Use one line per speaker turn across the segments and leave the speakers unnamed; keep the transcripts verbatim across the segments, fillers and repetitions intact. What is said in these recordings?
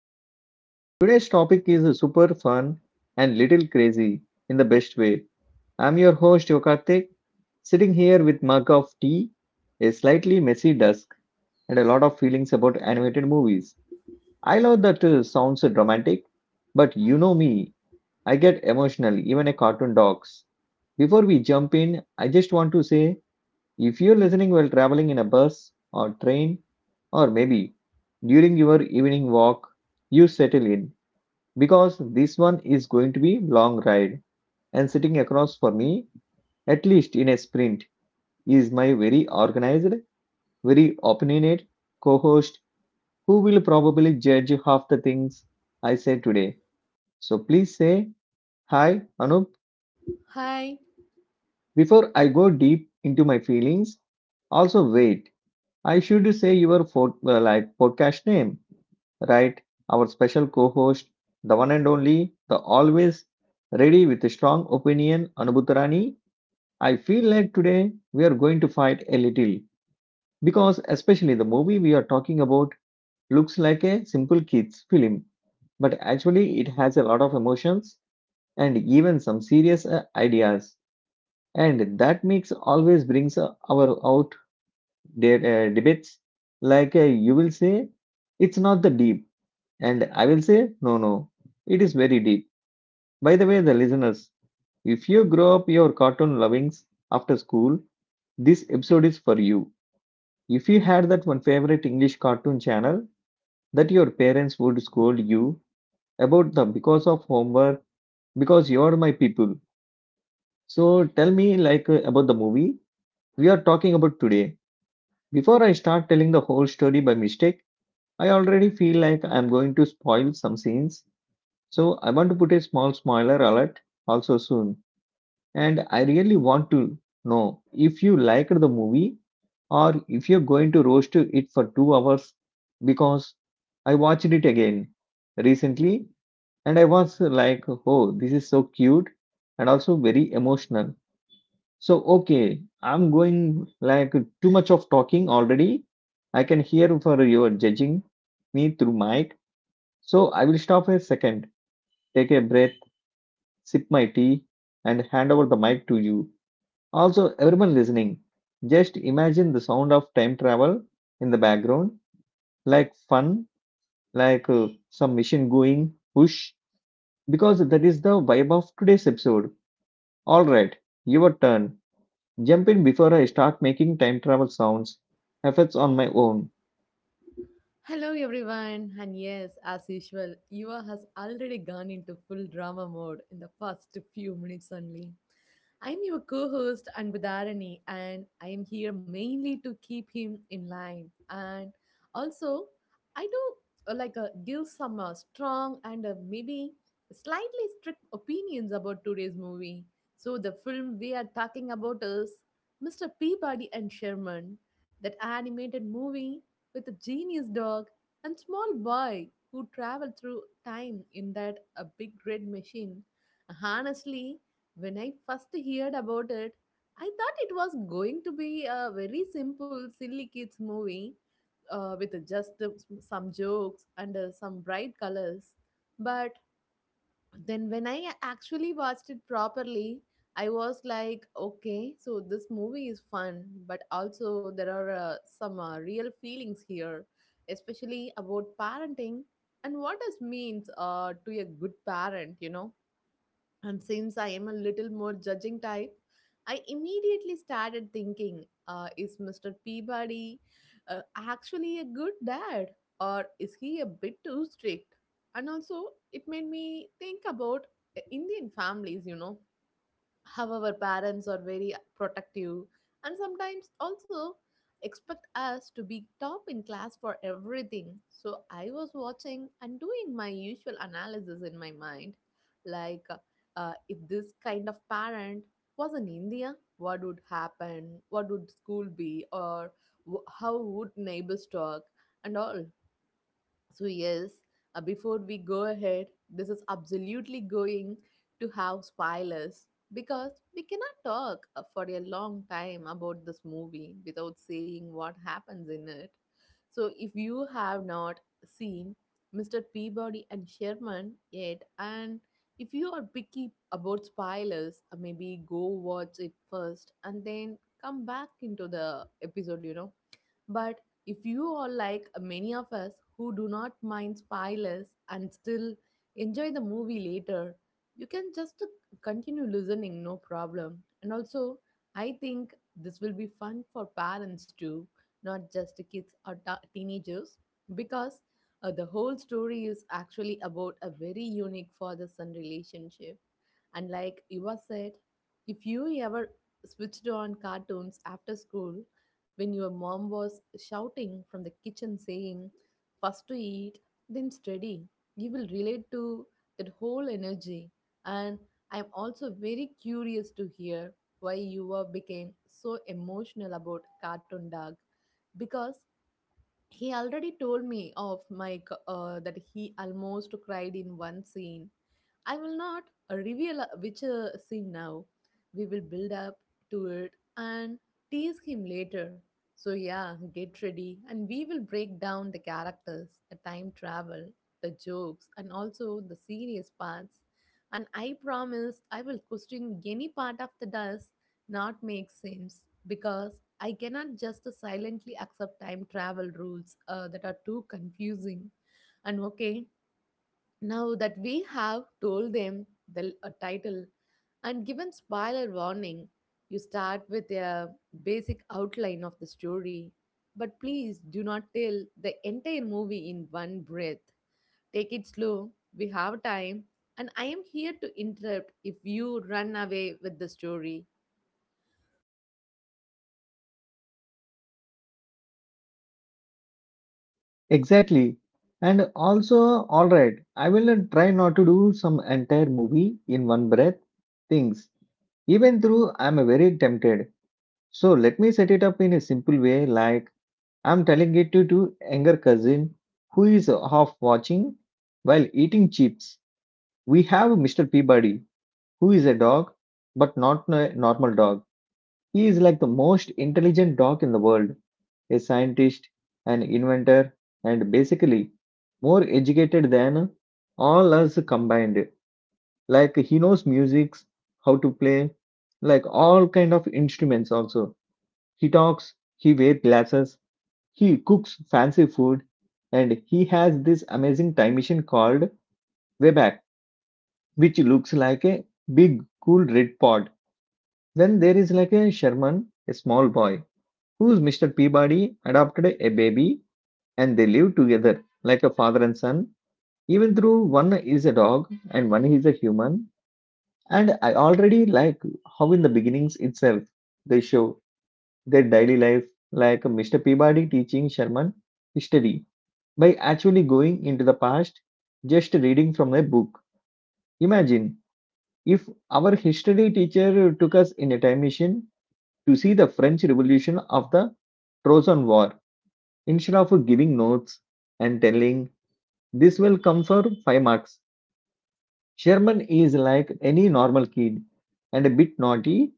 because today's topic is super fun and little crazy in the best way. I'm your host, Yokartik, sitting here with mug of tea, a slightly messy desk, and a lot of feelings about animated movies. I love that uh, sounds dramatic, but you know me, I get emotional, even a cartoon dogs. Before we jump in, I just want to say if you're listening while traveling in a bus or train, or maybe during your evening walk, you settle in because this one is going to be long ride and sitting across for me at least in a sprint is my very organized, very opinionate co-host who will probably judge half the things I say today. So please say hi Anup
Hi,
before I go deep into my feelings. Also wait, I should say your fo- uh, like podcast name right? Our special co host, the one and only, the always ready with a strong opinion, Anubhutarani. I feel like today we are going to fight a little because, especially the movie we are talking about, looks like a simple kids' film, but actually it has a lot of emotions and even some serious uh, ideas. And that mix always brings uh, our out de- uh, debates. Like uh, you will say, it's not the deep. And I will say, no, no, it is very deep. By the way, the listeners, if you grow up your cartoon lovings after school, this episode is for you. If you had that one favorite English cartoon channel that your parents would scold you about the because of homework, because you're my people. So tell me like uh, about the movie we are talking about today. Before I start telling the whole story by mistake, I already feel like I'm going to spoil some scenes. So I want to put a small spoiler alert also soon. And I really want to know if you liked the movie or if you're going to roast it for two hours because I watched it again recently and I was like, oh, this is so cute and also very emotional. So, okay, I'm going like too much of talking already. I can hear for your judging me through mic. So I will stop for a second, take a breath, sip my tea, and hand over the mic to you. Also, everyone listening, just imagine the sound of time travel in the background, like fun, like uh, some machine going, whoosh, because that is the vibe of today's episode. Alright, your turn. Jump in before I start making time travel sounds, efforts on my own.
hello everyone, and yes, as usual, Eva has already gone into full drama mode in the first few minutes only. I'm your co host Anbudharani, and I am here mainly to keep him in line. And also, I do uh, like uh, give some uh, strong and uh, maybe slightly strict opinions about today's movie. So, the film we are talking about is mister Peabody and Sherman, that animated movie with a genius dog and small boy who travel through time in that a big red machine. Honestly, when I first heard about it, I thought it was going to be a very simple, silly kids movie uh, with just uh, some jokes and uh, some bright colors. But then when i actually watched it properly, i was like, okay, so this movie is fun, but also there are uh, some uh, real feelings here, especially about parenting and what this means uh, to a good parent you know And since I am a little more judging type, I immediately started thinking, uh, is mister Peabody uh, actually a good dad, or is he a bit too strict? And also, it made me think about uh, Indian families, you know, however, parents are very protective and sometimes also expect us to be top in class for everything. So I was watching and doing my usual analysis in my mind, like, uh, if this kind of parent was in India, what would happen? What would school be? Or wh- how would neighbors talk? And all. So, yes, uh, before we go ahead, this is absolutely going to have spoilers because we cannot talk uh, for a long time about this movie without saying what happens in it. So, if you have not seen mister Peabody and Sherman yet, and if you are picky about spoilers, uh, maybe go watch it first and then come back into the episode, you know But if you are like many of us who do not mind spoilers and still enjoy the movie later, you can just continue listening, no problem. And also, I think this will be fun for parents too, not just kids or ta- teenagers, because uh, the whole story is actually about a very unique father son relationship. And like Eva said, if you ever switched on cartoons after school, when your mom was shouting from the kitchen saying, first to eat, then study, you will relate to that whole energy. And I'm also very curious to hear why you were became so emotional about Cartoon Dog because he already told me of Mike uh, that he almost cried in one scene. I will not reveal uh, which uh, scene now. We will build up to it and tease him later. So, yeah, get ready and we will break down the characters, the time travel, the jokes, and also the serious parts. And I promise I will question any part of the dust not make sense because I cannot just silently accept time travel rules uh, that are too confusing. And okay, now that we have told them the a title and given spoiler warning, you start with a basic outline of the story. But please do not tell the entire movie in one breath. Take it slow. We have time. And I am here to interrupt if you run away with the story.
Exactly. And also, all right, I will not try not to do some entire movie in one breath things. Even though I'm very tempted. So let me set it up in a simple way like I'm telling it to, to younger cousin who is half watching while eating chips. We have mister Peabody who is a dog but not a normal dog. He is like the most intelligent dog in the world, a scientist, an inventor, and basically more educated than all us combined. Like he knows music, how to play, like all kind of instruments also. He talks, he wears glasses, he cooks fancy food, and he has this amazing time machine called Wayback, which looks like a big cool red pod. Then there is like a Sherman, a small boy, who's mister Peabody adopted a baby, and they live together like a father and son, even though one is a dog and one is a human. And I already like how in the beginnings itself they show their daily life, like Mr. Peabody teaching Sherman history by actually going into the past, just reading from a book. Imagine if our history teacher took us in a time machine to see the French Revolution of the Trojan War instead of giving notes and telling, this will come for five marks. Sherman is like any normal kid and a bit naughty,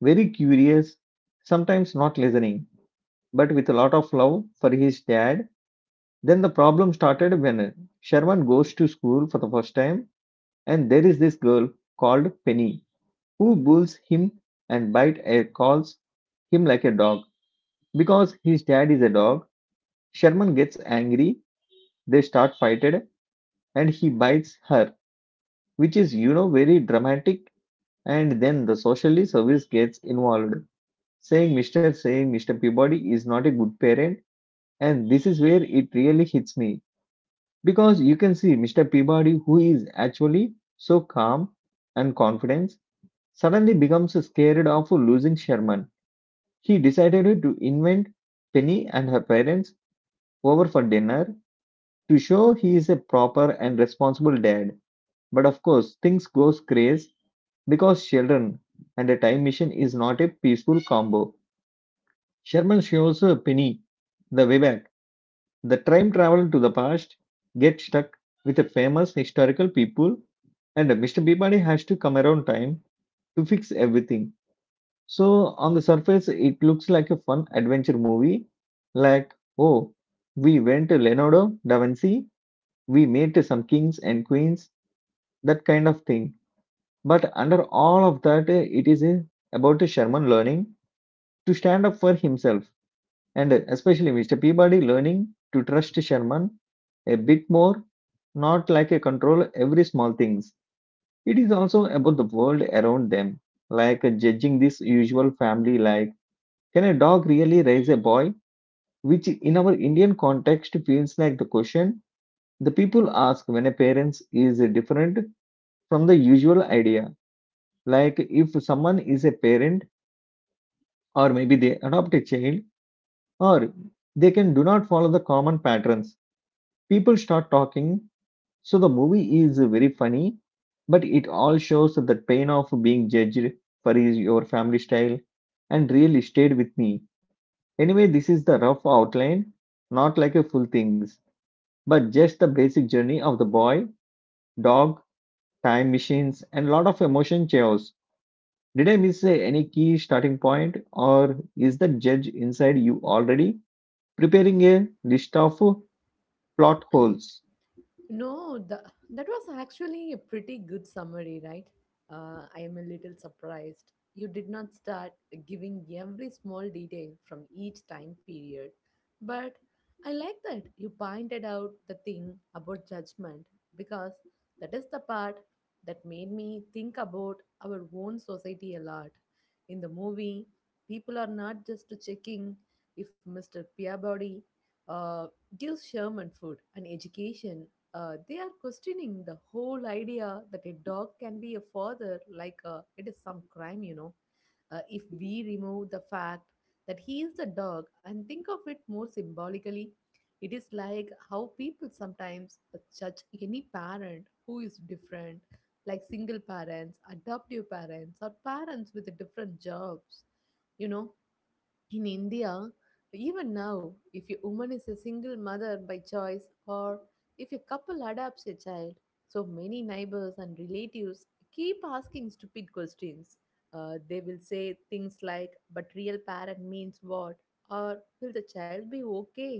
very curious, sometimes not listening, but with a lot of love for his dad. Then the problem started when Sherman goes to school for the first time, and there is this girl called Penny who bullies him and bite and calls him like a dog. Because his dad is a dog, Sherman gets angry, they start fighting and he bites her, which is you know very dramatic. And then the social service gets involved, saying, mister saying mister Peabody is not a good parent. And this is where it really hits me because you can see mister Peabody, who is actually so calm and confident, suddenly becomes scared of losing Sherman. He decided to invent Penny and her parents over for dinner to show he is a proper and responsible dad. But of course, things goes crazy because children and a time machine is not a peaceful combo. Sherman shows uh, Penny the way back. The time travel to the past gets stuck with a famous historical people, and mister Peabody has to come around time to fix everything. So, on the surface, it looks like a fun adventure movie. Like, oh, we went to Leonardo da Vinci, we met some kings and queens, that kind of thing. But under all of that, it is uh, about Sherman learning to stand up for himself. And especially mister Peabody learning to trust Sherman a bit more, not like a control every small things. It is also about the world around them, like judging this usual family like, can a dog really raise a boy? Which in our Indian context feels like the question the people ask when a parent is different from the usual idea. Like if someone is a parent or maybe they adopt a child or they can do not follow the common patterns, people start talking. So the movie is very funny, but it all shows the pain of being judged for his, your family style and really stayed with me. Anyway, this is the rough outline, not like a full things, but just the basic journey of the boy, dog, time machines, and lot of emotion chaos. Did I miss uh, any key starting point, or is the judge inside you already preparing a list of uh, plot holes?
No, the, that was actually a pretty good summary, right? Uh, I am a little surprised. You did not start giving every small detail from each time period. But I like that you pointed out the thing about judgment because that is the part that made me think about our own society a lot. In the movie, people are not just checking if mister Peabody uh, gives Sherman food and education uh, They are questioning the whole idea that a dog can be a father, like, uh, it is some crime you know uh, If we remove the fact that he is the dog and think of it more symbolically, it is like how people sometimes uh, judge any parent who is different, like single parents, adoptive parents, or parents with different jobs you know in India, even now, if a woman is a single mother by choice or if a couple adopts a child, so many neighbors and relatives keep asking stupid questions. Uh, they will say things like, but real parent means what? Or will the child be okay?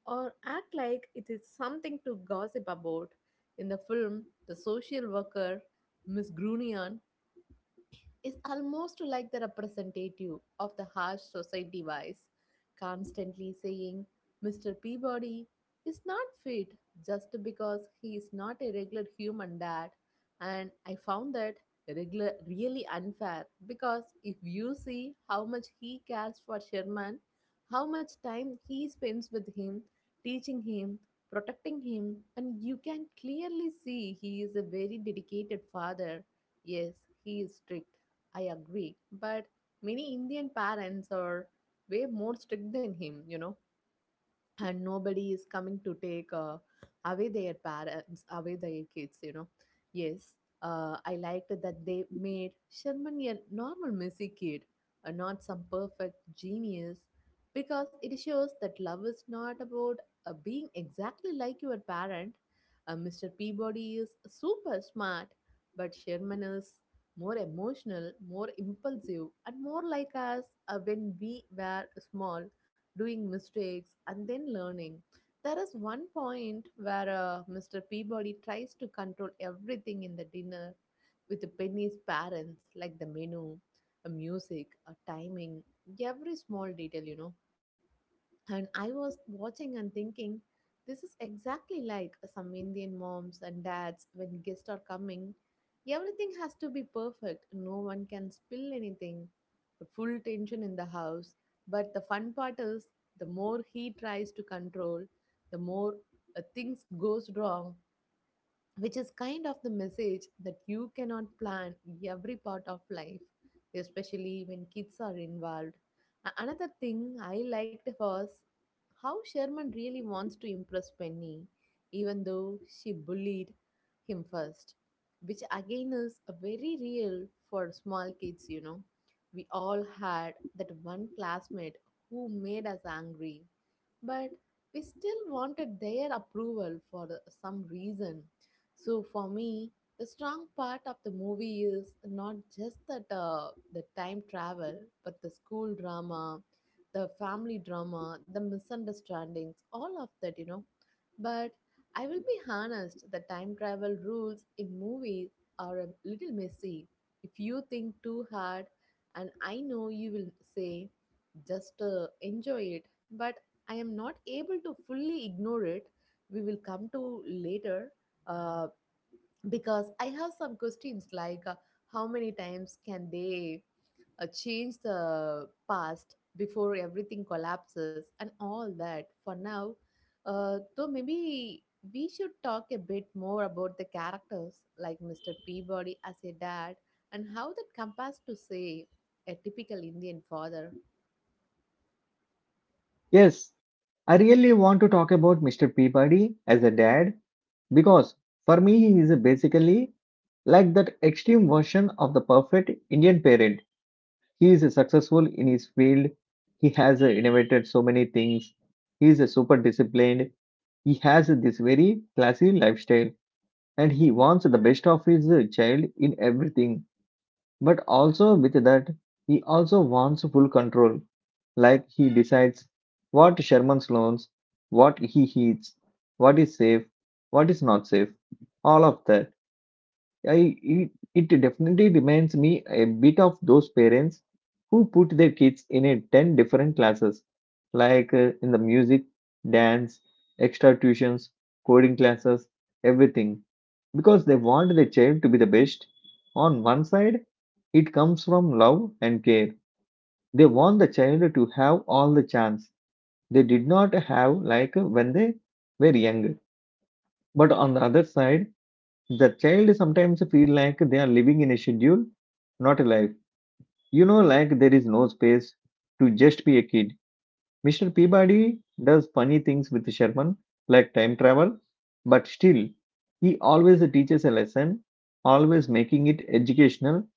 Or act like it is something to gossip about. In the film, the social worker, Miss Grunian, is almost like the representative of the harsh society voice, constantly saying, mister Peabody is not fit just because he is not a regular human dad. And I found that regular really unfair because if you see how much he cares for Sherman, how much time he spends with him, teaching him, protecting him, and you can clearly see he is a very dedicated father. Yes, he is strict, I agree. But many Indian parents are way more strict than him, you know And nobody is coming to take uh, away their parents, away their kids, you know. Yes, uh, I liked that they made Sherman a normal messy kid, uh, not some perfect genius, because it shows that love is not about uh, being exactly like your parent. Uh, mister Peabody is super smart, but Sherman is more emotional, more impulsive, and more like us uh, when we were small, doing mistakes and then learning. There is one point where uh, mister Peabody tries to control everything in the dinner with Penny's parents, like the menu, the music, a timing, every small detail, you know. And I was watching and thinking, this is exactly like some Indian moms and dads when guests are coming. Everything has to be perfect, no one can spill anything. The full tension in the house. But the fun part is, the more he tries to control, the more uh, things goes wrong, which is kind of the message that you cannot plan every part of life, especially when kids are involved. A- Another thing I liked was how Sherman really wants to impress Penny, even though she bullied him first, which again is a very real for small kids, you know. We all had that one classmate who made us angry, but we still wanted their approval for the- some reason. So for me, the strong part of the movie is not just that uh, the time travel, but the school drama, the family drama, the misunderstandings, all of that, you know. But I will be honest, the time travel rules in movies are a little messy. If you think too hard, and I know you will say, just uh, enjoy it, but I am not able to fully ignore it. We will come to later uh, because I have some questions like, uh, how many times can they uh, change the past before everything collapses and all that. For now, uh, though maybe we should talk a bit more about the characters like mister Peabody as a dad and how that compares to say a typical Indian father.
Yes, I really want to talk about mister Peabody as a dad because for me he is basically like that extreme version of the perfect Indian parent. He is successful in his field. He has innovated so many things. He is super disciplined. He has this very classy lifestyle and he wants the best of his child in everything. But also with that, he also wants full control. Like he decides what Sherman loans, what he eats, what is safe, what is not safe, all of that. I, it, it definitely reminds me a bit of those parents who put their kids in a ten different classes, like uh, in the music, dance, extra tuitions, coding classes, everything because they want their child to be the best. On one side, it comes from love and care. They want the child to have all the chance they did not have like when they were young. But on the other side, the child sometimes feel like they are living in a schedule, not a life. You know, like there is no space to just be a kid. mister Peabody does funny things with Sherman, like time travel, but still, he always teaches a lesson, always making it educational,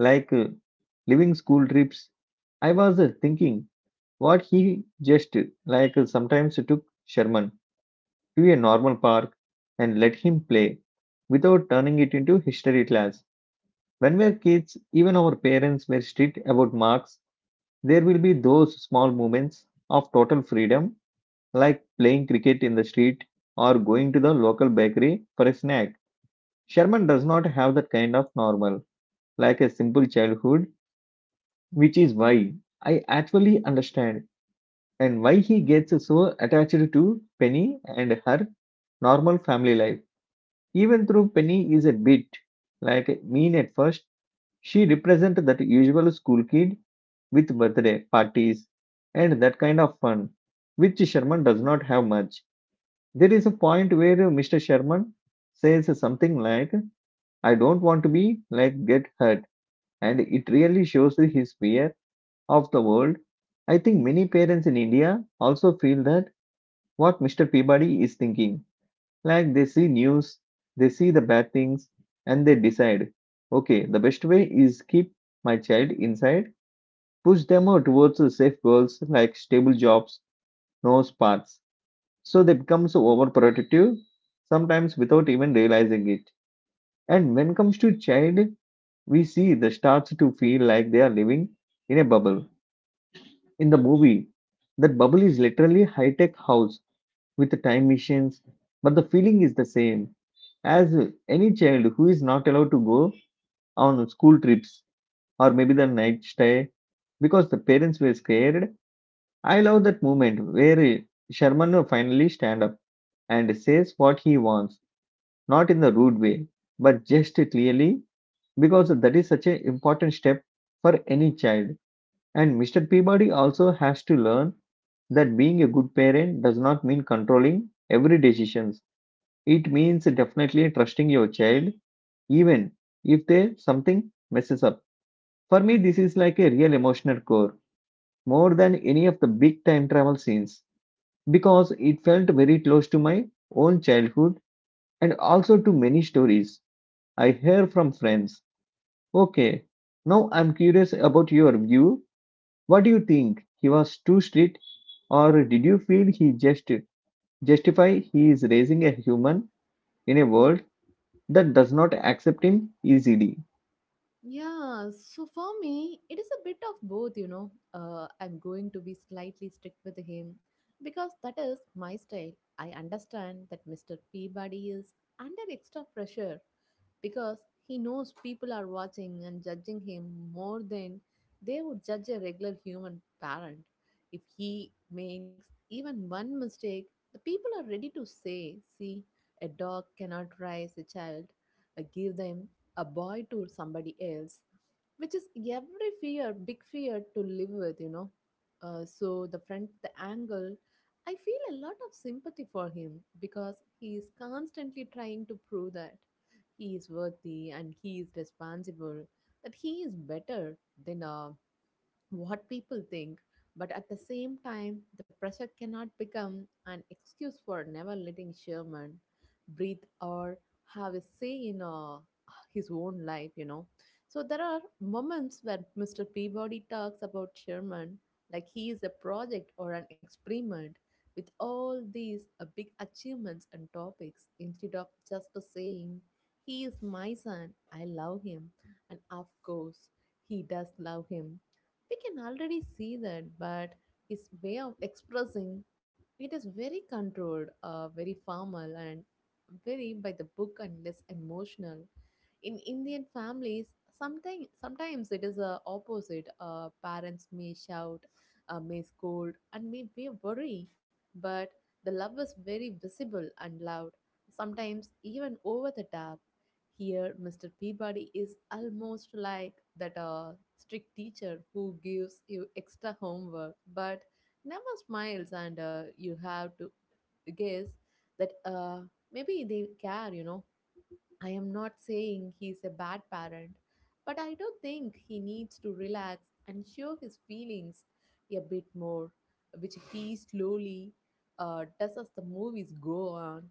like uh, living school trips. I was uh, thinking what he just uh, like uh, sometimes took Sherman to a normal park and let him play without turning it into history class. When we are kids, even our parents were strict about marks, there will be those small moments of total freedom like playing cricket in the street or going to the local bakery for a snack. Sherman does not have that kind of normal, like a simple childhood, which is why I actually understand and why he gets so attached to Penny and her normal family life. Even though Penny is a bit like mean at first, she represents that usual school kid with birthday parties and that kind of fun, which Sherman does not have much. There is a point where mister Sherman says something like, I don't want to be like get hurt, and it really shows his fear of the world. I think many parents in India also feel that what mister Peabody is thinking. Like they see news, they see the bad things, and they decide, okay, the best way is keep my child inside, push them out towards the safe goals like stable jobs, no sports. So they become so overprotective sometimes without even realizing it, and when it comes to child, we see they starts to feel like they are living in a bubble. In the movie that bubble is literally high-tech house with time machines, but the feeling is the same as any child who is not allowed to go on school trips or maybe the night stay because the parents were scared. I love that moment where Sherman finally stand up and says what he wants. Not in the rude way, but just clearly, because that is such an important step for any child. And mister Peabody also has to learn that being a good parent does not mean controlling every decision. It means definitely trusting your child, even if they something messes up. For me, this is like a real emotional core, more than any of the big time travel scenes, because it felt very close to my own childhood and also to many stories I hear from friends. Okay. Now I'm curious about your view. What do you think? He was too strict, or did you feel he just justify he is raising a human in a world that does not accept him easily?
Yeah, so for me, it is a bit of both, you know. Uh, I'm going to be slightly strict with him because that is my style. I understand that mister Peabody is under extra pressure because he knows people are watching and judging him more than they would judge a regular human parent. If he makes even one mistake, the people are ready to say, see, a dog cannot raise a child. I give them a boy to somebody else, which is every fear, big fear to live with, you know. Uh, so the friend, the angle, I feel a lot of sympathy for him because he is constantly trying to prove that he is worthy and he is responsible, that he is better than uh, what people think, but at the same time, the pressure cannot become an excuse for never letting Sherman breathe or have a say in uh, his own life, you know. So there are moments when mister Peabody talks about Sherman like he is a project or an experiment with all these uh, big achievements and topics instead of just saying, "He is my son, I love him," and of course, he does love him, we can already see that, but his way of expressing it is very controlled, uh, very formal and very by the book and less emotional. In Indian families, sometimes sometimes it is a opposite. Uh, parents may shout, uh, may scold and may be worry, but the love is very visible and loud, sometimes even over the top. Here Mr. Peabody is almost like that uh, strict teacher who gives you extra homework but never smiles, and uh, you have to guess that uh, maybe they care, you know. I am not saying he is a bad parent, but I do think he needs to relax and show his feelings a bit more, which he slowly uh, does as the movies go on.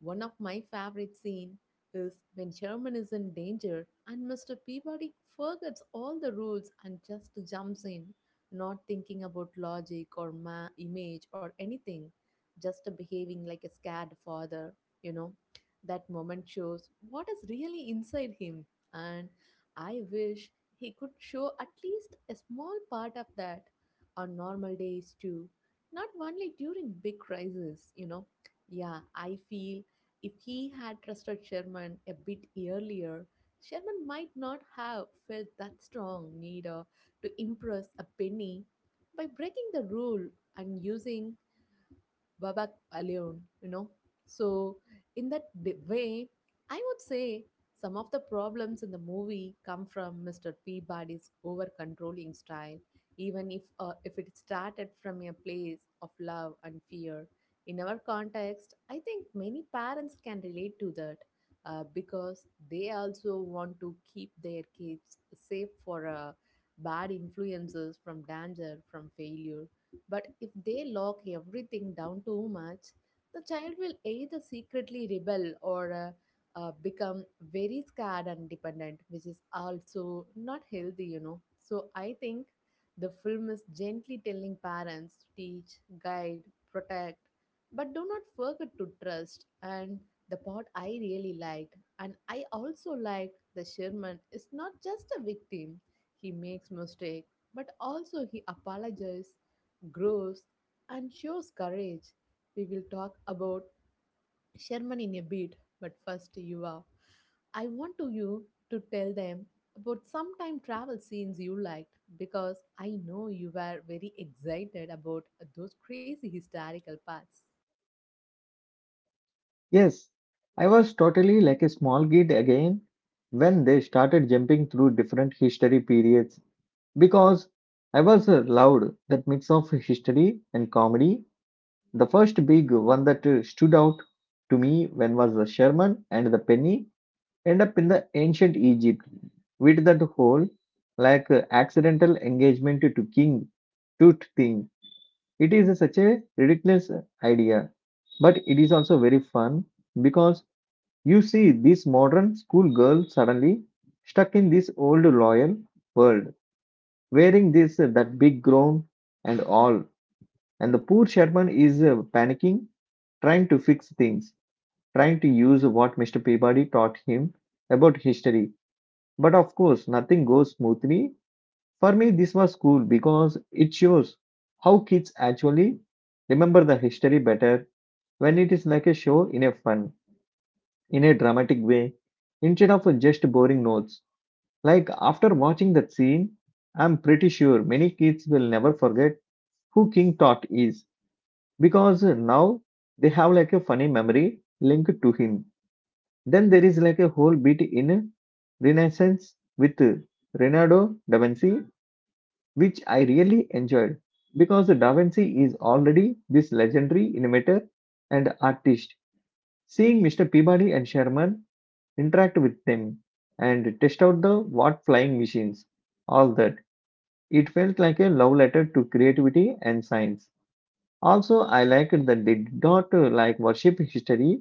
One of my favorite scenes is when Sherman is in danger and mister Peabody forgets all the rules and just jumps in, not thinking about logic or ma- image or anything, just behaving like a scared father, you know. That moment shows what is really inside him, and I wish he could show at least a small part of that on normal days too, not only during big crises, you know. Yeah, I feel if he had trusted Sherman a bit earlier, Sherman might not have felt that strong need uh, to impress a penny by breaking the rule and using Babak alone, you know. So, in that di- way, I would say some of the problems in the movie come from mister Peabody's over controlling style, even if, uh, if it started from a place of love and fear. In our context, I think many parents can relate to that uh, because they also want to keep their kids safe for uh, bad influences, from danger, from failure. But if they lock everything down too much, the child will either secretly rebel or uh, uh, become very scared and dependent, which is also not healthy, you know. So I think the film is gently telling parents to teach, guide, protect, but do not forget to trust. And the part I really liked, and I also liked, the Sherman is not just a victim. He makes mistake, but also he apologizes, grows, and shows courage. We will talk about Sherman in a bit, but first, Yuva, I want to you to tell them about some time travel scenes you liked because I know you were very excited about those crazy historical parts.
Yes, I was totally like a small kid again when they started jumping through different history periods because I was uh, loved that mix of history and comedy. The first big one that uh, stood out to me when was the Sherman and the Penny end up in the ancient Egypt with that whole like uh, accidental engagement to king tooth thing. It is such a ridiculous idea, but it is also very fun because you see this modern schoolgirl suddenly stuck in this old loyal world, wearing this uh, that big gown and all, and the poor Sherman is uh, panicking, trying to fix things, trying to use what mister Peabody taught him about history. But of course, nothing goes smoothly. For me, this was cool because it shows how kids actually remember the history better when it is like a show in a fun, in a dramatic way, instead of just boring notes. Like after watching that scene, I'm pretty sure many kids will never forget who King Tut is because now they have like a funny memory linked to him. Then there is like a whole bit in Renaissance with Leonardo da Vinci, which I really enjoyed because Da Vinci is already this legendary innovator and artist. Seeing mister Peabody and Sherman interact with them and test out the what flying machines, all that, it felt like a love letter to creativity and science. Also, I liked that they did not uh, like worship history.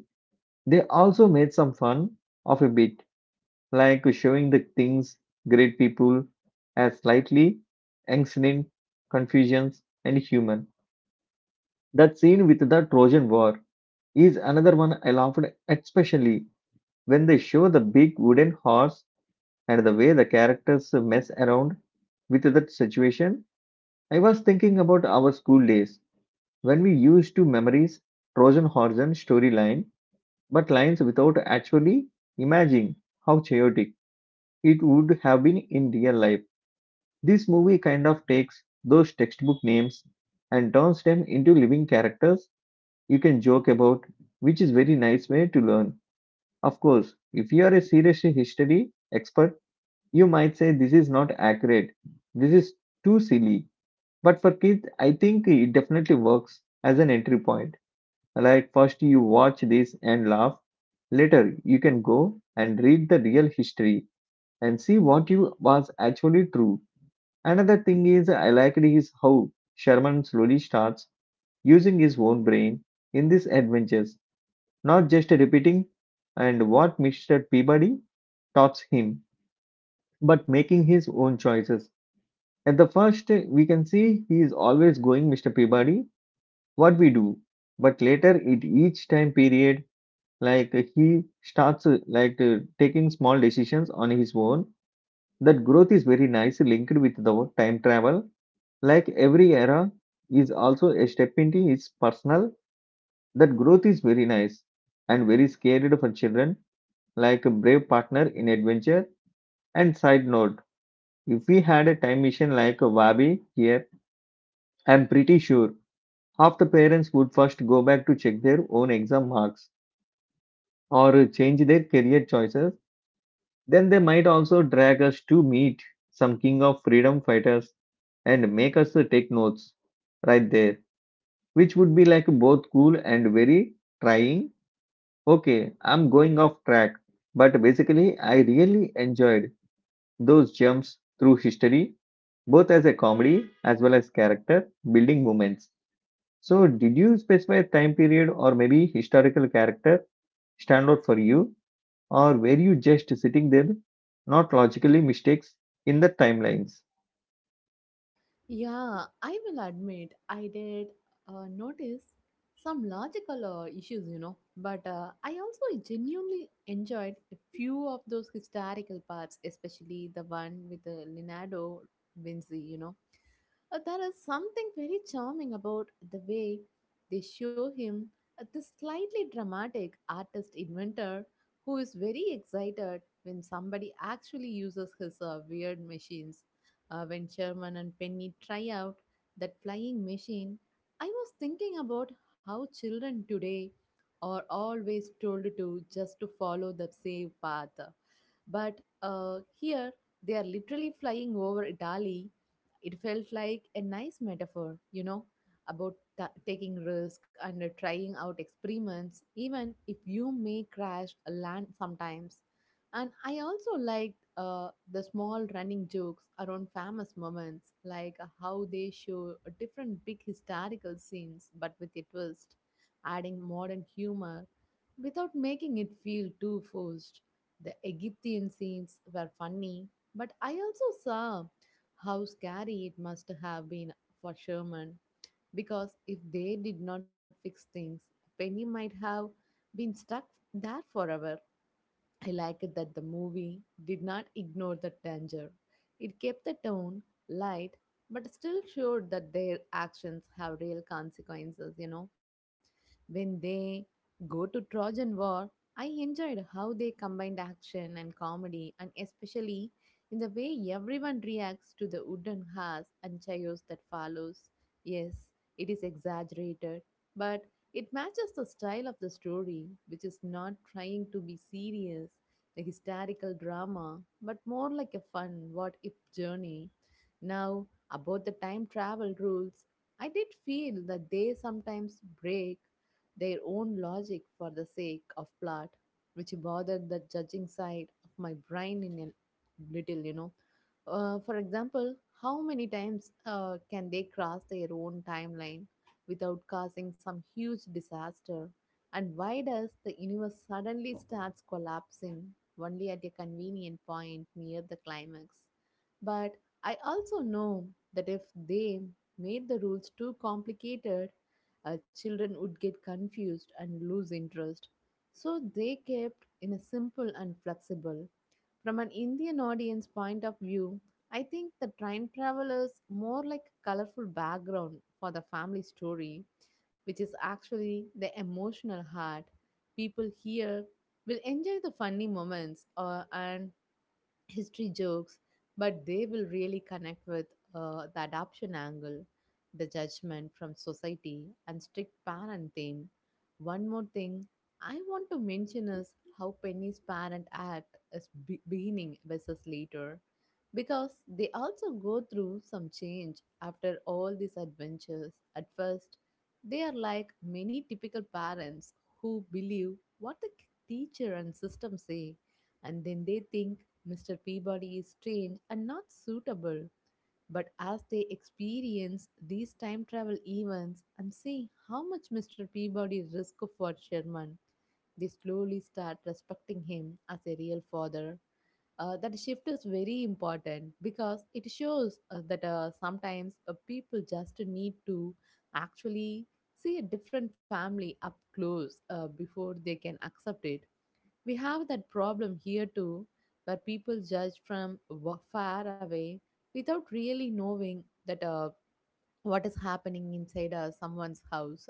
They also made some fun of a bit, like showing the things great people as slightly ancient, confusions, and human. That scene with the Trojan War is another one I laughed at, especially when they show the big wooden horse and the way the characters mess around with that situation. I was thinking about our school days when we used to memorize Trojan horse and storyline, but lines without actually imagining how chaotic it would have been in real life. This movie kind of takes those textbook names and turns them into living characters you can joke about, which is very nice way to learn. Of course, if you are a serious history expert, you might say this is not accurate. This is too silly. But for kids, I think it definitely works as an entry point. Like first you watch this and laugh. Later you can go and read the real history and see what you was actually true. Another thing is I liked is how Sherman slowly starts using his own brain in these adventures, not just repeating and what mister Peabody taught him, but making his own choices. At the first, we can see he is always going mister Peabody, what we do. But later, at each time period, like he starts uh, like uh, taking small decisions on his own. That growth is very nice linked with the time travel, like every era is also a step into his personal. That growth is very nice and very scary for children, like a brave partner in adventure. And side note, if we had a time machine like a wabi here, I'm pretty sure half the parents would first go back to check their own exam marks or change their career choices. Then they might also drag us to meet some king of freedom fighters and make us take notes right there, which would be like both cool and very trying. Okay, I'm going off track, but basically, I really enjoyed those jumps through history, both as a comedy as well as character building moments. So, did you specify a time period or maybe historical character stand out for you, or were you just sitting there, not logically mistakes in the timelines?
Yeah, I will admit I did uh, notice some logical uh, issues, you know, but uh, I also genuinely enjoyed a few of those historical parts, especially the one with uh, Leonardo Vinci, you know. Uh, there is something very charming about the way they show him, uh, this slightly dramatic artist inventor who is very excited when somebody actually uses his uh, weird machines. Uh, when Sherman and Penny try out that flying machine, I was thinking about how children today are always told to just to follow the safe path. But uh, here they are literally flying over Italy. It felt like a nice metaphor, you know, about ta taking risk and uh, trying out experiments, even if you may crash land sometimes. And I also liked uh, the small running jokes around famous moments, like how they show a different big historical scenes but with a twist, adding modern humor without making it feel too forced. The Egyptian scenes were funny, but I also saw how scary it must have been for Sherman because if they did not fix things, Penny might have been stuck there forever. I liked that the movie did not ignore the danger. It kept the tone light but still showed that their actions have real consequences, you know. When they go to Trojan War, I enjoyed how they combined action and comedy, and especially in the way everyone reacts to the wooden horse and chaos that follows. Yes, it is exaggerated, but it matches the style of the story, which is not trying to be serious, a historical drama, but more like a fun what if journey. Now, about the time travel rules, I did feel that they sometimes break their own logic for the sake of plot, which bothered the judging side of my brain in a little, you know. Uh, for example, how many times uh, can they cross their own timeline without causing some huge disaster? And why does the universe suddenly starts collapsing only at a convenient point near the climax? But I also know that if they made the rules too complicated, uh, children would get confused and lose interest. So they kept in a simple and flexible. From an Indian audience point of view, I think the train travel is more like a colorful background for the family story, which is actually the emotional heart. People here will enjoy the funny moments uh, and history jokes, but they will really connect with uh, the adoption angle, the judgment from society, and strict parent theme. One more thing I want to mention is how Penny's parent act is be- beginning versus later, because they also go through some change after all these adventures. At first, they are like many typical parents who believe what the teacher and system say, and then they think mister Peabody is strange and not suitable, but as they experience these time travel events and see how much mister Peabody risks for Sherman, they slowly start respecting him as a real father. Uh, that shift is very important because it shows uh, that uh, sometimes uh, people just need to actually see a different family up close uh, before they can accept it. We have that problem here too, where people judge from wa- far away without really knowing that uh, what is happening inside uh, someone's house.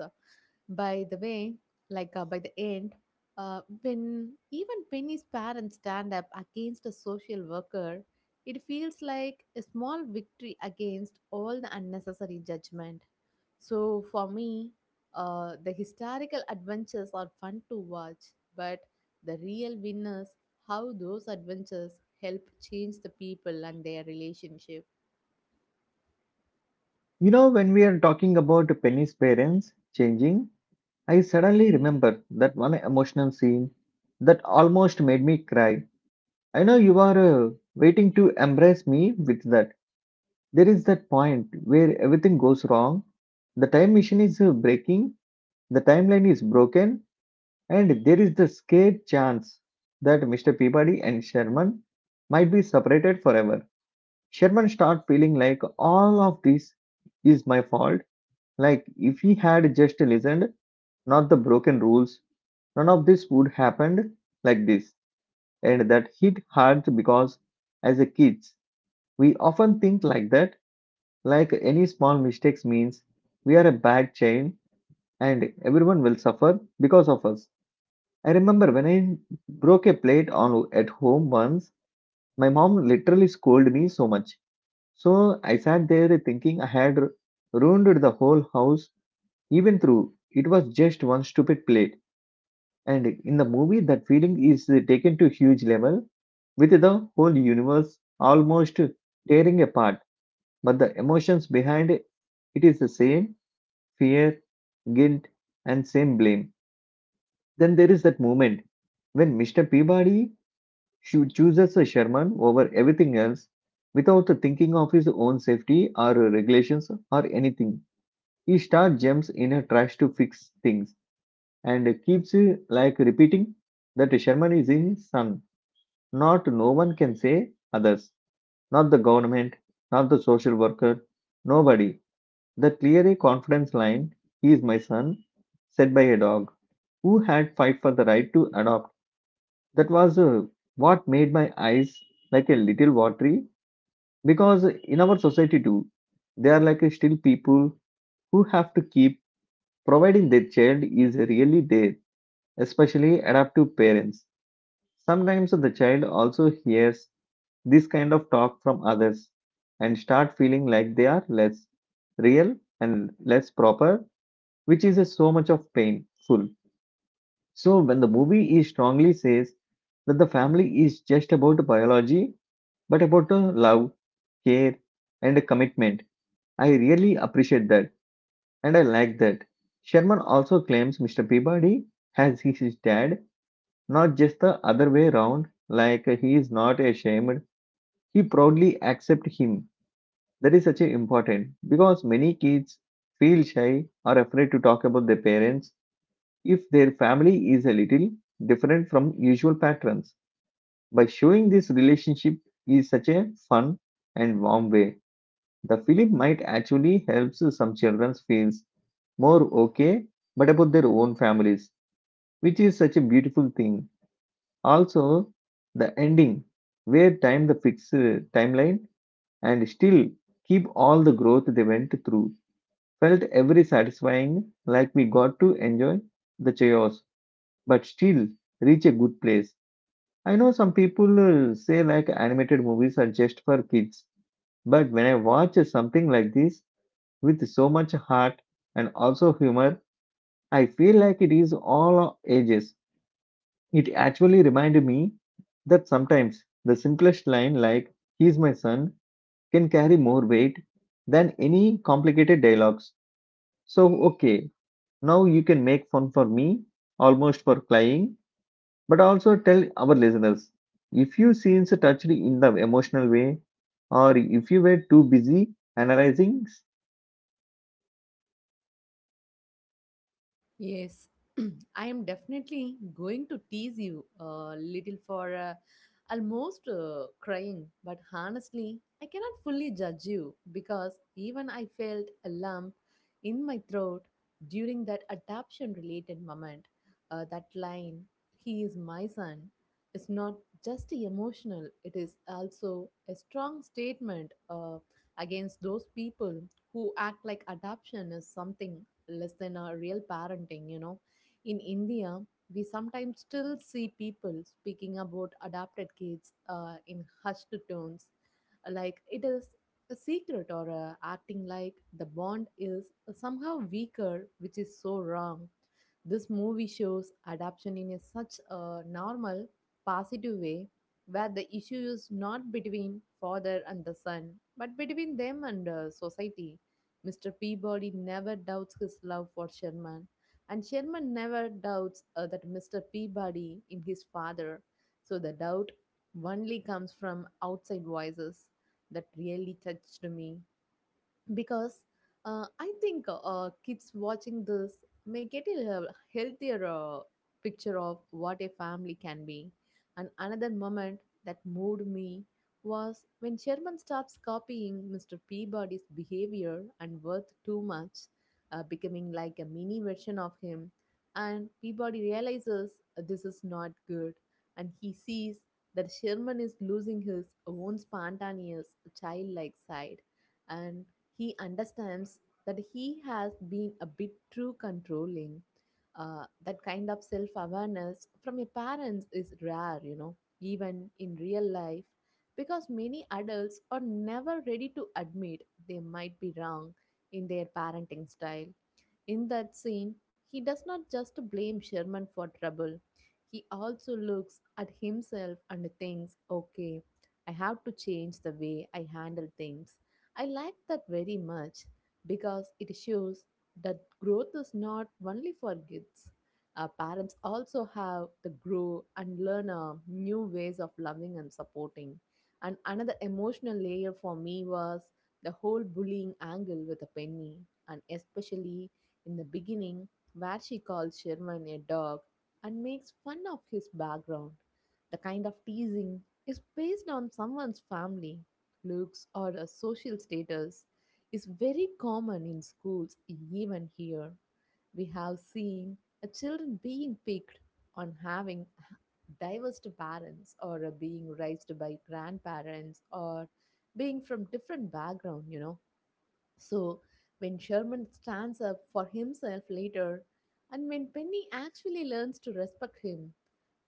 By the way, like uh, by the end, uh, when even Penny's parents stand up against a social worker, it feels like a small victory against all the unnecessary judgment. So for me, uh, the historical adventures are fun to watch, but the real winners how those adventures help change the people and their relationship.
You know, when we are talking about Penny's parents changing, I suddenly remember that one emotional scene that almost made me cry. I know you are uh, waiting to embrace me with that. There is that point where everything goes wrong. The time machine is uh, breaking, the timeline is broken, and there is the scared chance that mister Peabody and Sherman might be separated forever. Sherman start feeling like all of this is my fault, like if he had just listened, not the broken rules. None of this would happened like this, and that hit hard because as a kids, we often think like that, like any small mistakes means we are a bad child, and everyone will suffer because of us. I remember when I broke a plate on at home once, my mom literally scolded me so much. So I sat there thinking I had ru- ruined the whole house, even through it was just one stupid plate. And in the movie, that feeling is taken to huge level with the whole universe almost tearing apart. But the emotions behind it is the same fear, guilt, and same blame. Then there is that moment when mister Peabody cho- chooses a Sherman over everything else without thinking of his own safety or regulations or anything. He starts jumps in a trash to fix things and keeps uh, like repeating that Sherman is his son. Not no one can say others. Not the government, not the social worker, nobody. The clear confidence line, he is my son, said by a dog who had fight for the right to adopt. That was uh, what made my eyes like a little watery because in our society too, there are like uh, still people who have to keep providing their child is really there, especially adoptive parents. Sometimes the child also hears this kind of talk from others and start feeling like they are less real and less proper, which is a so much of painful. So when the movie is strongly says that the family is just about biology, but about uh, love, care, and commitment, I really appreciate that and I like that. Sherman also claims mister Peabody has his his dad, not just the other way around, like he is not ashamed. He proudly accepts him. That is such a important because many kids feel shy or afraid to talk about their parents if their family is a little different from usual patterns. By showing this relationship is such a fun and warm way, the film might actually help some children feel more okay but about their own families, which is such a beautiful thing. Also the ending where time the fixed uh, timeline and still keep all the growth they went through felt every satisfying, like we got to enjoy the chaos, but still reach a good place. I know some people uh, say like animated movies are just for kids, but when I watch something like this with so much heart and also humor, I feel like it is all ages. It actually reminded me that sometimes the simplest line like he's my son can carry more weight than any complicated dialogues. So okay. Now you can make fun for me almost for crying, but also tell our listeners if you scenes touched in the emotional way, or if you were too busy analyzing.
Yes, I am definitely going to tease you a little for uh, almost uh, crying, but honestly, I cannot fully judge you because even I felt a lump in my throat during that adoption related moment. Uh, that line, "he is my son," is not just emotional, it is also a strong statement uh, against those people who act like adoption is something less than a real parenting, you know. In India, we sometimes still see people speaking about adopted kids uh, in hushed tones, like it is a secret, or uh, acting like the bond is somehow weaker, which is so wrong. This movie shows adoption in a such a normal, positive way where the issue is not between father and the son, but between them and uh, society. mister Peabody never doubts his love for Sherman, and Sherman never doubts uh, that mister Peabody in his father. So the doubt only comes from outside voices. That really touched me because uh, I think uh, kids watching this may get a hel- healthier uh, picture of what a family can be. And another moment that moved me was when Sherman starts copying mister Peabody's behavior and worth too much, uh, becoming like a mini version of him. And Peabody realizes this is not good, and he sees that Sherman is losing his own spontaneous, childlike side, and he understands that he has been a bit too controlling. Uh, that kind of self awareness from your parents is rare, you know, even in real life, because many adults are never ready to admit they might be wrong in their parenting style. In that scene, he does not just blame Sherman for trouble. He also looks at himself and thinks, okay, I have to change the way I handle things. I like that very much because it shows that growth is not only for kids. Our parents also have to grow and learn uh, new ways of loving and supporting. And another emotional layer for me was the whole bullying angle with a penny, and especially in the beginning, where she calls Sherman a dog and makes fun of his background. The kind of teasing is based on someone's family, looks, or a social status is very common in schools even here. We have seen a children being picked on, having diverse parents or uh, being raised by grandparents or being from different background, you know. So, when Sherman stands up for himself later, and when Penny actually learns to respect him,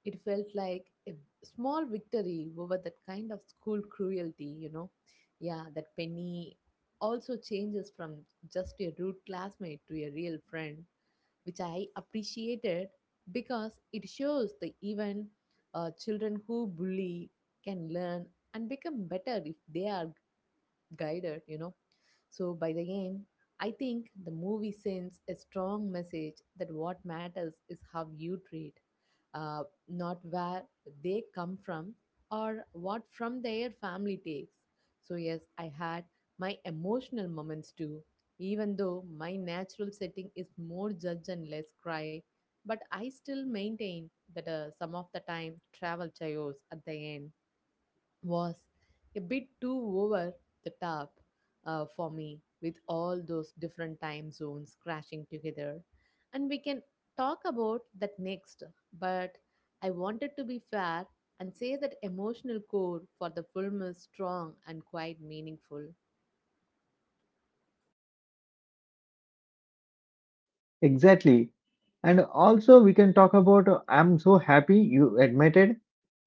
it felt like a small victory over that kind of school cruelty, you know. Yeah, that Penny also changes from just a rude classmate to a real friend, which I appreciated because it shows that even uh, children who bully can learn and become better if they are guided, you know. So by the end, I think the movie sends a strong message that what matters is how you treat, uh, not where they come from or what from their family takes. So, yes, I had my emotional moments too, even though my natural setting is more judge and less cry. But I still maintain that uh, some of the time travel chaos at the end was a bit too over the top uh, for me with all those different time zones crashing together. And we can talk about that next, but I wanted to be fair and say that emotional core for the film is strong and quite meaningful.
Exactly. And also we can talk about uh, I'm so happy you admitted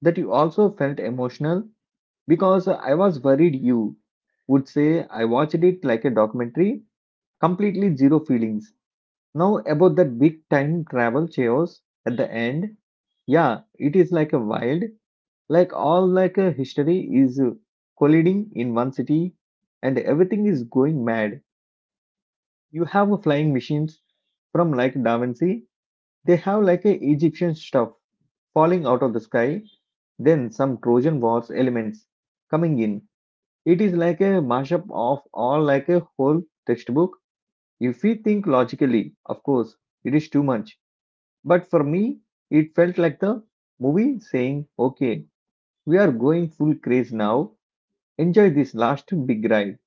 that you also felt emotional because I was worried you would say I watched it like a documentary, completely zero feelings. Now about that big time travel chaos at the end, yeah, it is like a wild, like all like a history is uh, colliding in one city, and everything is going mad. You have a flying machines from like Da Vinci. They have like a Egyptian stuff falling out of the sky. Then some Trojan wars elements coming in. It is like a mashup of all like a whole textbook. If we think logically, of course, it is too much. But for me, it felt like the movie saying, okay, we are going full craze now. Enjoy this last big ride.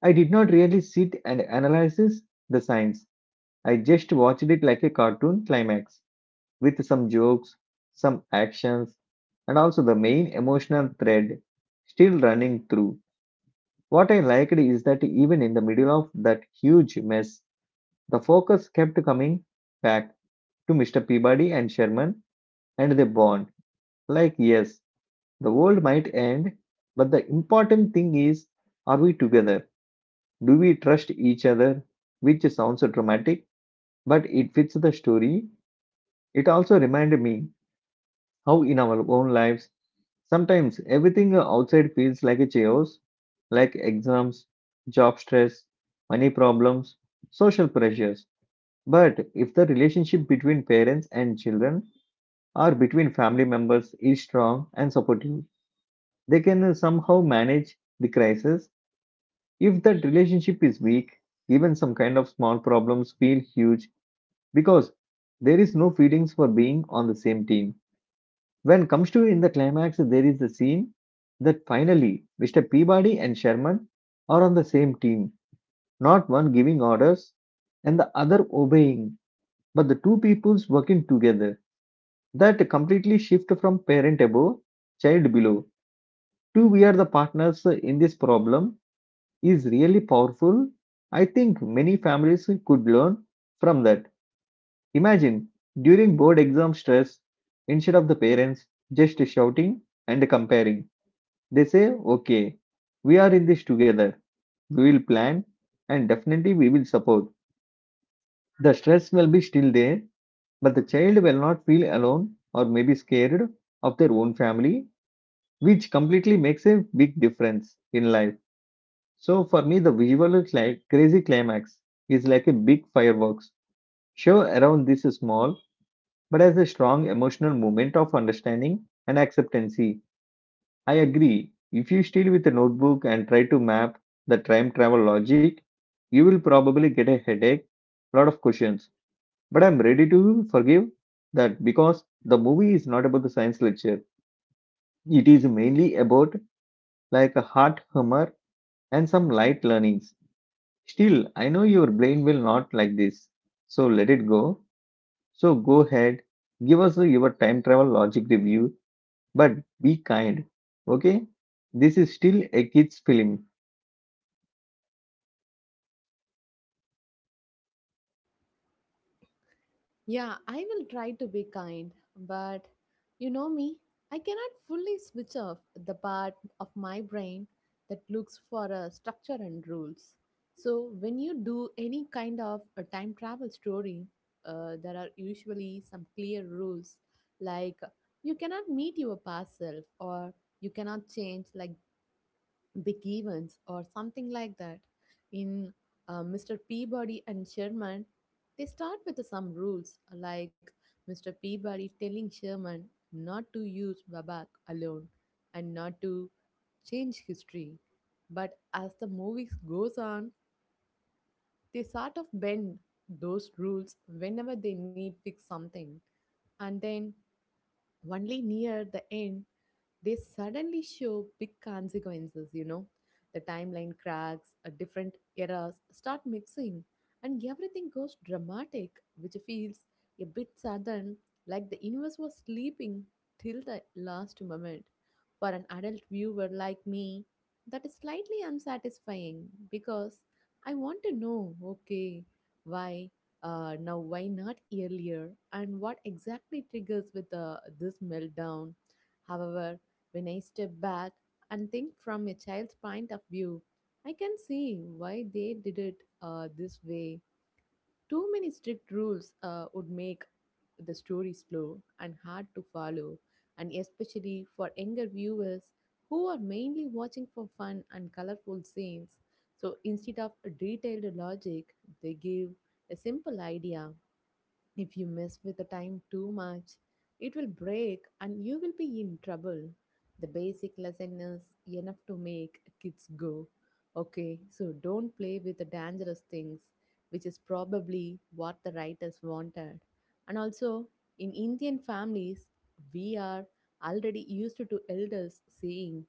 I did not really sit and analyze the science. I just watched it like a cartoon climax with some jokes, some actions, and also the main emotional thread still running through. What I liked is that even in the middle of that huge mess, the focus kept coming back to mister Peabody and Sherman and their bond. Like, yes, the world might end, but the important thing is, are we together? Do we trust each other? Which sounds dramatic, but it fits the story. It also reminded me how, in our own lives, sometimes everything outside feels like a chaos, like exams, job stress, money problems, social pressures. But if the relationship between parents and children or between family members is strong and supportive, they can uh, somehow manage the crisis. If that relationship is weak, even some kind of small problems feel huge because there is no feelings for being on the same team. When comes to in the climax, there is a scene that finally mister Peabody and Sherman are on the same team, not one giving orders and the other obeying, but the two peoples working together. That completely shift from parent above, child below, to we are the partners in this problem is really powerful. I think many families could learn from that. Imagine during board exam stress, instead of the parents just shouting and comparing, they say, okay, we are in this together. We will plan and definitely we will support. The stress will be still there, but the child will not feel alone or maybe scared of their own family, which completely makes a big difference in life. So for me, the visual is like crazy climax is like a big fireworks show around this small, but as a strong emotional moment of understanding and acceptancy. I agree. If you steal with a notebook and try to map the time travel logic, you will probably get a headache, lot of questions. But I'm ready to forgive that because the movie is not about the science lecture. It is mainly about like a heart humor and some light learnings. Still, I know your brain will not like this. So let it go. So go ahead, give us your time travel logic review, but be kind. Okay? This is still a kid's film.
Yeah, I will try to be kind, but you know me, I cannot fully switch off the part of my brain that looks for a structure and rules. So, when you do any kind of a time travel story, uh, there are usually some clear rules like you cannot meet your past self or you cannot change like big events or something like that. In uh, mister Peabody and Sherman, they start with some rules like mister Peabody telling Sherman not to use Babak alone and not to change history. But as the movies goes on, they sort of bend those rules whenever they need fix something. And then only near the end they suddenly show big consequences, you know. The timeline cracks, uh, different eras start mixing, and everything goes dramatic, which feels a bit sudden, like the universe was sleeping till the last moment. For an adult viewer like me, that is slightly unsatisfying because I want to know okay, why, uh, now why not earlier, and what exactly triggers with uh, this meltdown. However, when I step back and think from a child's point of view, I can see why they did it uh, this way. Too many strict rules uh, would make the story slow and hard to follow, and especially for younger viewers who are mainly watching for fun and colorful scenes. So instead of a detailed logic, they give a simple idea if you mess with the time too much, it will break and you will be in trouble. The basic lesson is enough to make kids go. Okay, so don't play with the dangerous things, which is probably what the writers wanted. And also, in Indian families, we are already used to elders saying,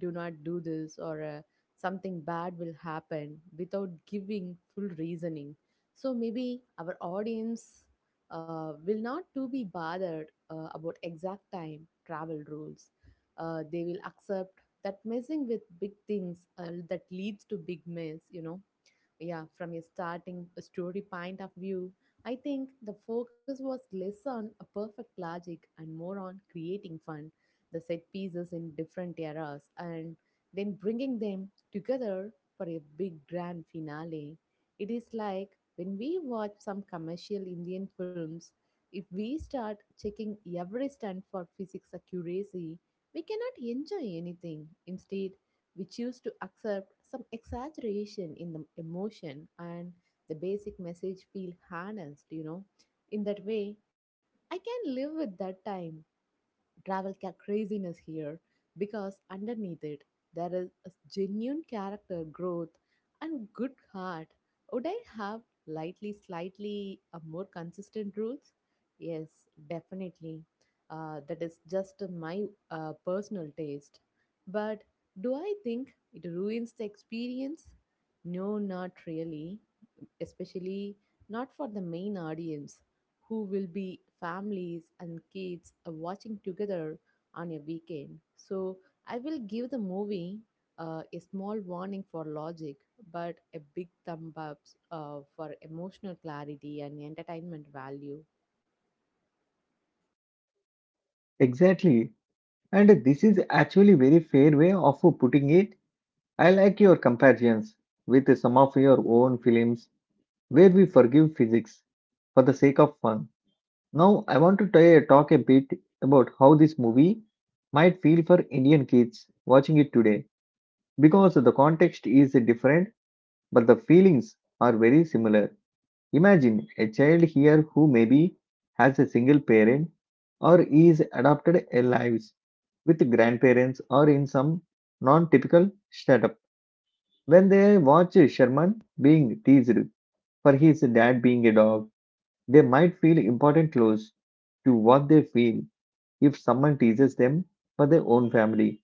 do not do this or uh, something bad will happen without giving full reasoning. So maybe our audience uh, will not to be bothered uh, about exact time travel rules. Uh, they will accept that messing with big things uh, that leads to big mess, you know. Yeah, from a starting story point of view, I think the focus was less on a perfect logic and more on creating fun. The set pieces in different eras and then bringing them together for a big grand finale. It is like when we watch some commercial Indian films, if we start checking every stunt for physics accuracy, we cannot enjoy anything. Instead, we choose to accept some exaggeration in the emotion and the basic message feel harnessed, you know. In that way, I can live with that time travel ca- craziness here, because underneath it there is a genuine character growth and good heart. Would I have lightly, slightly uh, more consistent rules? Yes, definitely. Uh, that is just my uh, personal taste. But do I think it ruins the experience? No, not really. Especially not for the main audience who will be families and kids uh, watching together on a weekend. So I will give the movie uh, a small warning for logic, but a big thumb up uh, for emotional clarity and entertainment value.
Exactly. And this is actually very fair way of putting it. I like your comparisons with some of your own films where we forgive physics for the sake of fun. Now I want to t- talk a bit about how this movie might feel for Indian kids watching it today because the context is different, but the feelings are very similar. Imagine a child here who maybe has a single parent or is adopted, lives with grandparents or in some non typical setup. When they watch Sherman being teased for his dad being a dog, they might feel important close to what they feel if someone teases them for their own family.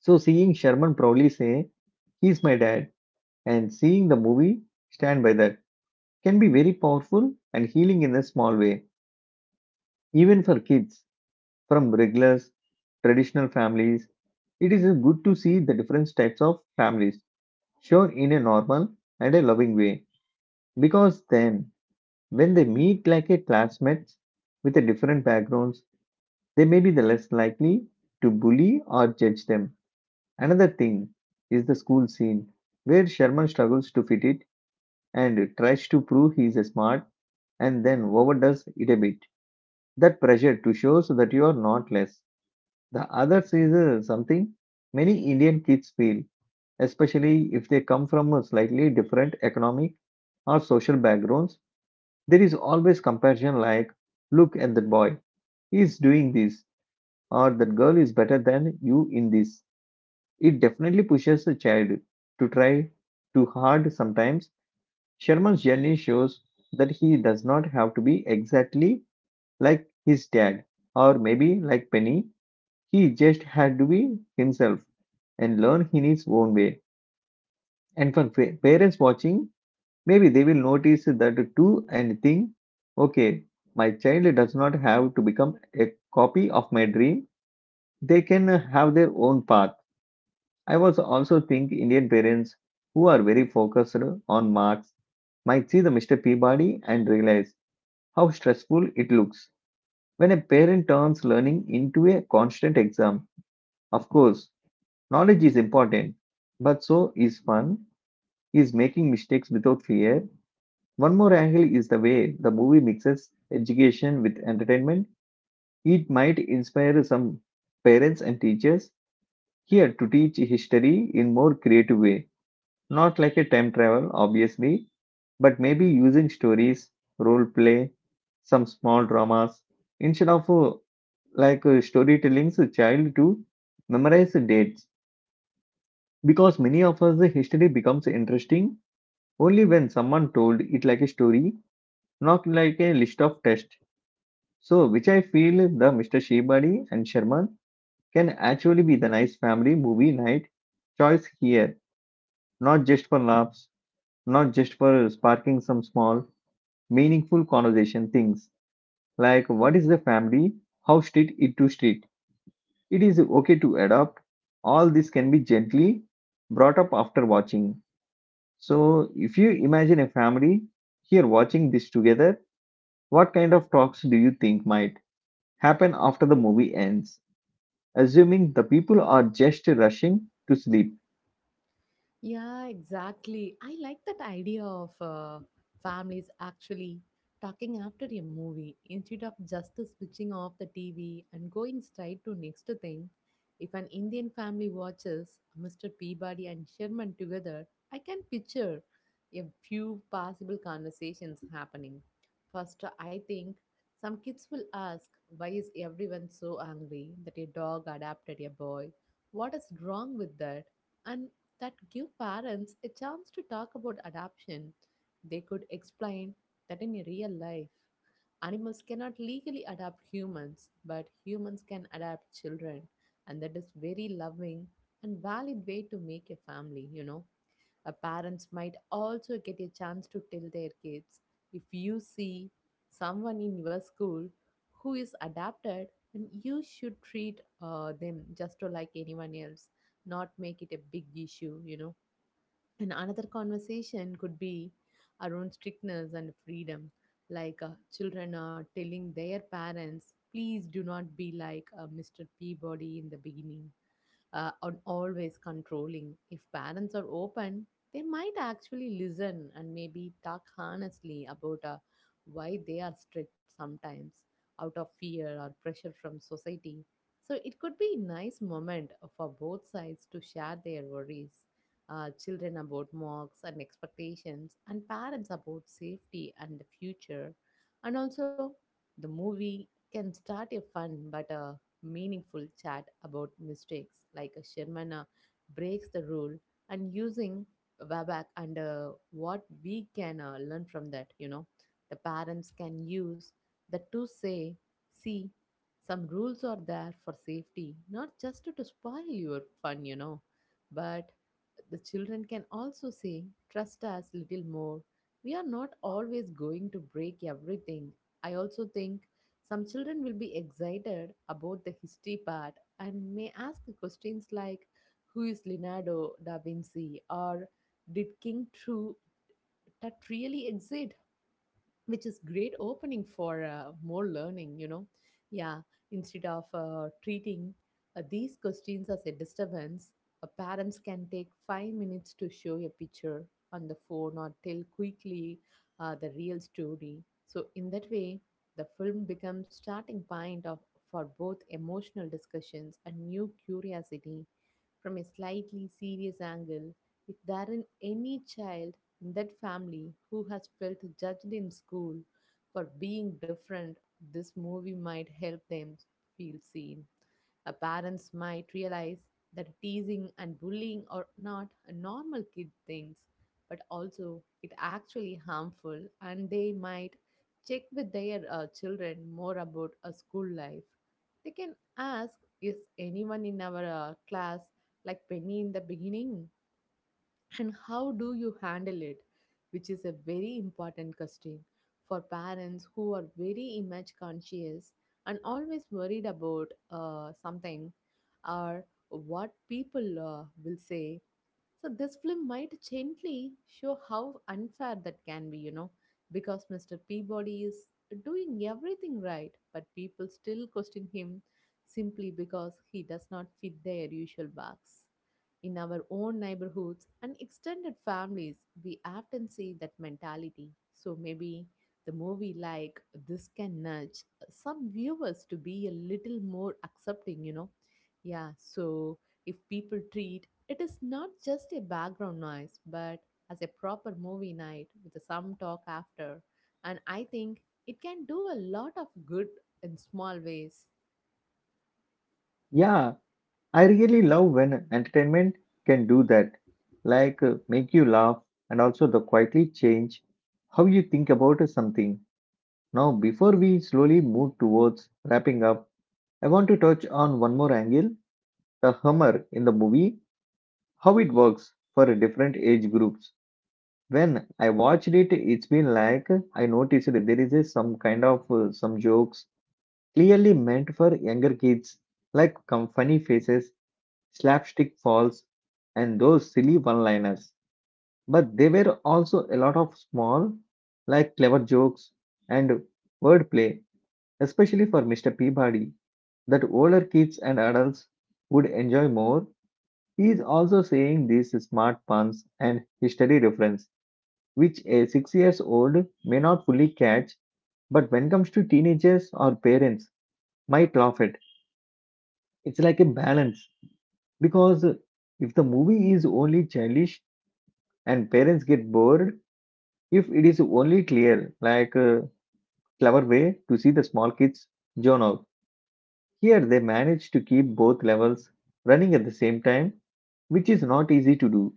So, seeing Sherman proudly say, "He's my dad," and seeing the movie stand by that can be very powerful and healing in a small way, even for kids from regulars, traditional families. It is good to see the different types of families shown in a normal and a loving way because then when they meet like a classmates with a different backgrounds, they may be the less likely to bully or judge them. Another thing is the school scene where Sherman struggles to fit it and tries to prove he is smart and then overdoes it a bit. That pressure to show so that you are not less. The other is uh, something many Indian kids feel, especially if they come from a slightly different economic or social backgrounds. There is always comparison like, look at that boy, he is doing this, or that girl is better than you in this. It definitely pushes a child to try too hard sometimes. Sherman's journey shows that he does not have to be exactly like his dad or maybe like Penny. He just had to be himself and learn in his own way. And for fa- parents watching, maybe they will notice that too and think, okay, my child does not have to become a copy of my dream. They can have their own path. I was also think Indian parents who are very focused on marks might see the mister Peabody and realize how stressful it looks. When a parent turns learning into a constant exam, of course, knowledge is important, but so is fun, is making mistakes without fear. One more angle is the way the movie mixes education with entertainment. It might inspire some parents and teachers here to teach history in more creative way, not like a time travel obviously, but maybe using stories, role play, some small dramas instead of uh, like uh, storytelling's a child to memorize dates, because many of us the history becomes interesting only when someone told it like a story, not like a list of tests. So which I feel the Mr. Shebadi and Sharma can actually be the nice family movie night choice here, not just for laughs, not just for sparking some small meaningful conversation things like what is the family, how street it to street. It is okay to adopt. All this can be gently brought up after watching. So, if you imagine a family here watching this together, what kind of talks do you think might happen after the movie ends? Assuming the people are just rushing to sleep.
Yeah, exactly. I like that idea of uh, families actually talking after a movie instead of just switching off the T V and going straight to next thing. If an Indian family watches mister Peabody and Sherman together, I can picture a few possible conversations happening. First, I think some kids will ask, Why is everyone so angry that a dog adopted a boy? What is wrong with that? And that give parents a chance to talk about adoption. They could explain that in real life, animals cannot legally adopt humans, but humans can adopt children, and that is very loving and valid way to make a family, you know. Uh, parents might also get a chance to tell their kids if you see someone in your school who is adapted, then you should treat uh, them just to like anyone else, not make it a big issue, you know. And another conversation could be around strictness and freedom, like uh, children are telling their parents, please do not be like uh, mister Peabody in the beginning uh, and always controlling. If parents are open, they might actually listen and maybe talk honestly about uh, why they are strict sometimes out of fear or pressure from society. So it could be a nice moment for both sides to share their worries. Uh, children about marks and expectations, and parents about safety and the future. And also, the movie can start a fun but uh, meaningful chat about mistakes, like a Sherman uh, breaks the rule, and using WebAC and uh, what we can uh, learn from that, you know. The parents can use that to say, see, some rules are there for safety, not just to spoil your fun, you know, but the children can also say, trust us little more. We are not always going to break everything. I also think some children will be excited about the history part and may ask questions like Who is Leonardo da Vinci? Or Did King True that really exist? Which is great opening for uh, more learning, you know. Yeah, instead of uh, treating uh, these questions as a disturbance, uh, parents can take five minutes to show a picture on the phone or tell quickly uh, the real story. So in that way, the film becomes starting point of for both emotional discussions and new curiosity. From a slightly serious angle, if there is any child in that family who has felt judged in school for being different, this movie might help them feel seen. Uh, parents might realize that teasing and bullying are not a normal kid things, but also it actually harmful, and they might check with their uh, children more about a school life. They can ask, is anyone in our uh, class like Penny in the beginning and how do you handle it, which is a very important question for parents who are very image conscious and always worried about uh, something or what people uh, will say. So this film might gently show how unfair that can be, you know, because mister Peabody is doing everything right, but people still question him simply because he does not fit their usual box. In our own neighborhoods and extended families, we often see that mentality. So maybe the movie like this can nudge some viewers to be a little more accepting, you know. Yeah, so if people treat it is not just a background noise, but as a proper movie night with some talk after. And I think it can do a lot of good in small ways.
Yeah, I really love when entertainment can do that, like uh, make you laugh and also the quietly change how you think about something. Now, before we slowly move towards wrapping up, I want to touch on one more angle, the humor in the movie, how it works for different age groups. When I watched it, it's been like I noticed that there is a some kind of uh, some jokes clearly meant for younger kids, like com- funny faces, slapstick falls, and those silly one liners. But there were also a lot of small, like clever jokes and wordplay, especially for mister Peabody, that older kids and adults would enjoy more. He is also seeing these smart puns and history reference, which a six years old may not fully catch, but when it comes to teenagers or parents, might laugh at. It's like a balance because if the movie is only childish and parents get bored, if it is only clear, like a clever way to see the small kids zone out. Here they manage to keep both levels running at the same time, which is not easy to do.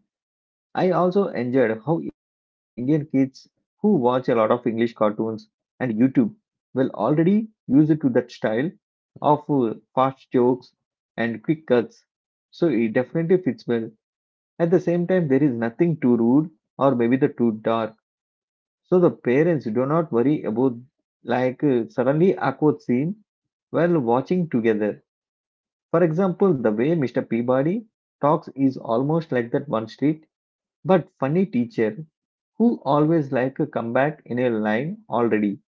I also enjoyed how Indian kids who watch a lot of English cartoons and YouTube will already use it to that style of uh, fast jokes and quick cuts. So it definitely fits well. At the same time, there is nothing too rude or maybe the too dark. So the parents do not worry about like uh, suddenly awkward scene while watching together. For example, the way mister Peabody talks is almost like that one street but funny teacher who always like a comeback in a line already.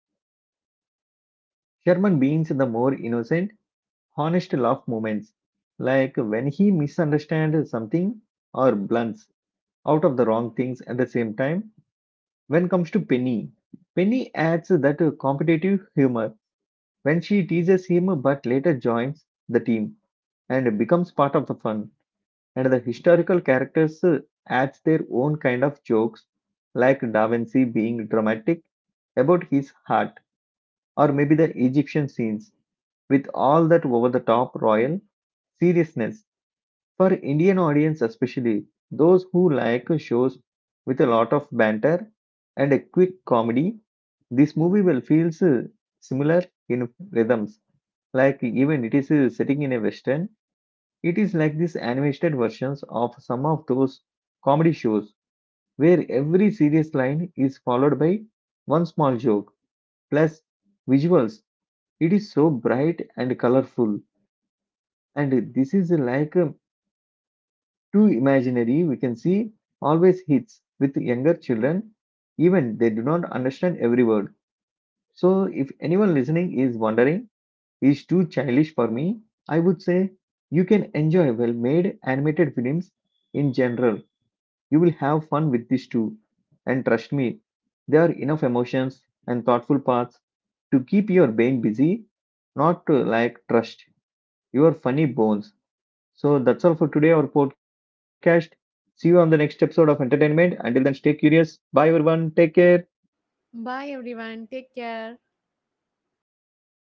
Sherman beans the more innocent, honest laugh moments, like when he misunderstands something or blunts out of the wrong things at the same time. When comes to Penny, Penny adds that competitive humor when she teases him but later joins the team and becomes part of the fun. And the historical characters uh, adds their own kind of jokes, like Da Vinci being dramatic about his heart, or maybe the Egyptian scenes with all that over the top royal seriousness. For Indian audience, especially those who like shows with a lot of banter and a quick comedy, this movie will feels uh, similar in rhythms. Like even it is uh, sitting in a western, it is like these animated versions of some of those comedy shows where every serious line is followed by one small joke plus visuals. It is so bright and colorful, and this is like um, too imaginary. We can see always hits with younger children, even they do not understand every word. So, if anyone listening is wondering, is too childish for me, I would say you can enjoy well made animated films in general. You will have fun with this too. And trust me, there are enough emotions and thoughtful paths to keep your brain busy, not to like trust your funny bones. So that's all for today, our podcast. See you on the next episode of Entertainment. Until then, stay curious. Bye, everyone. Take care.
Bye everyone, take care.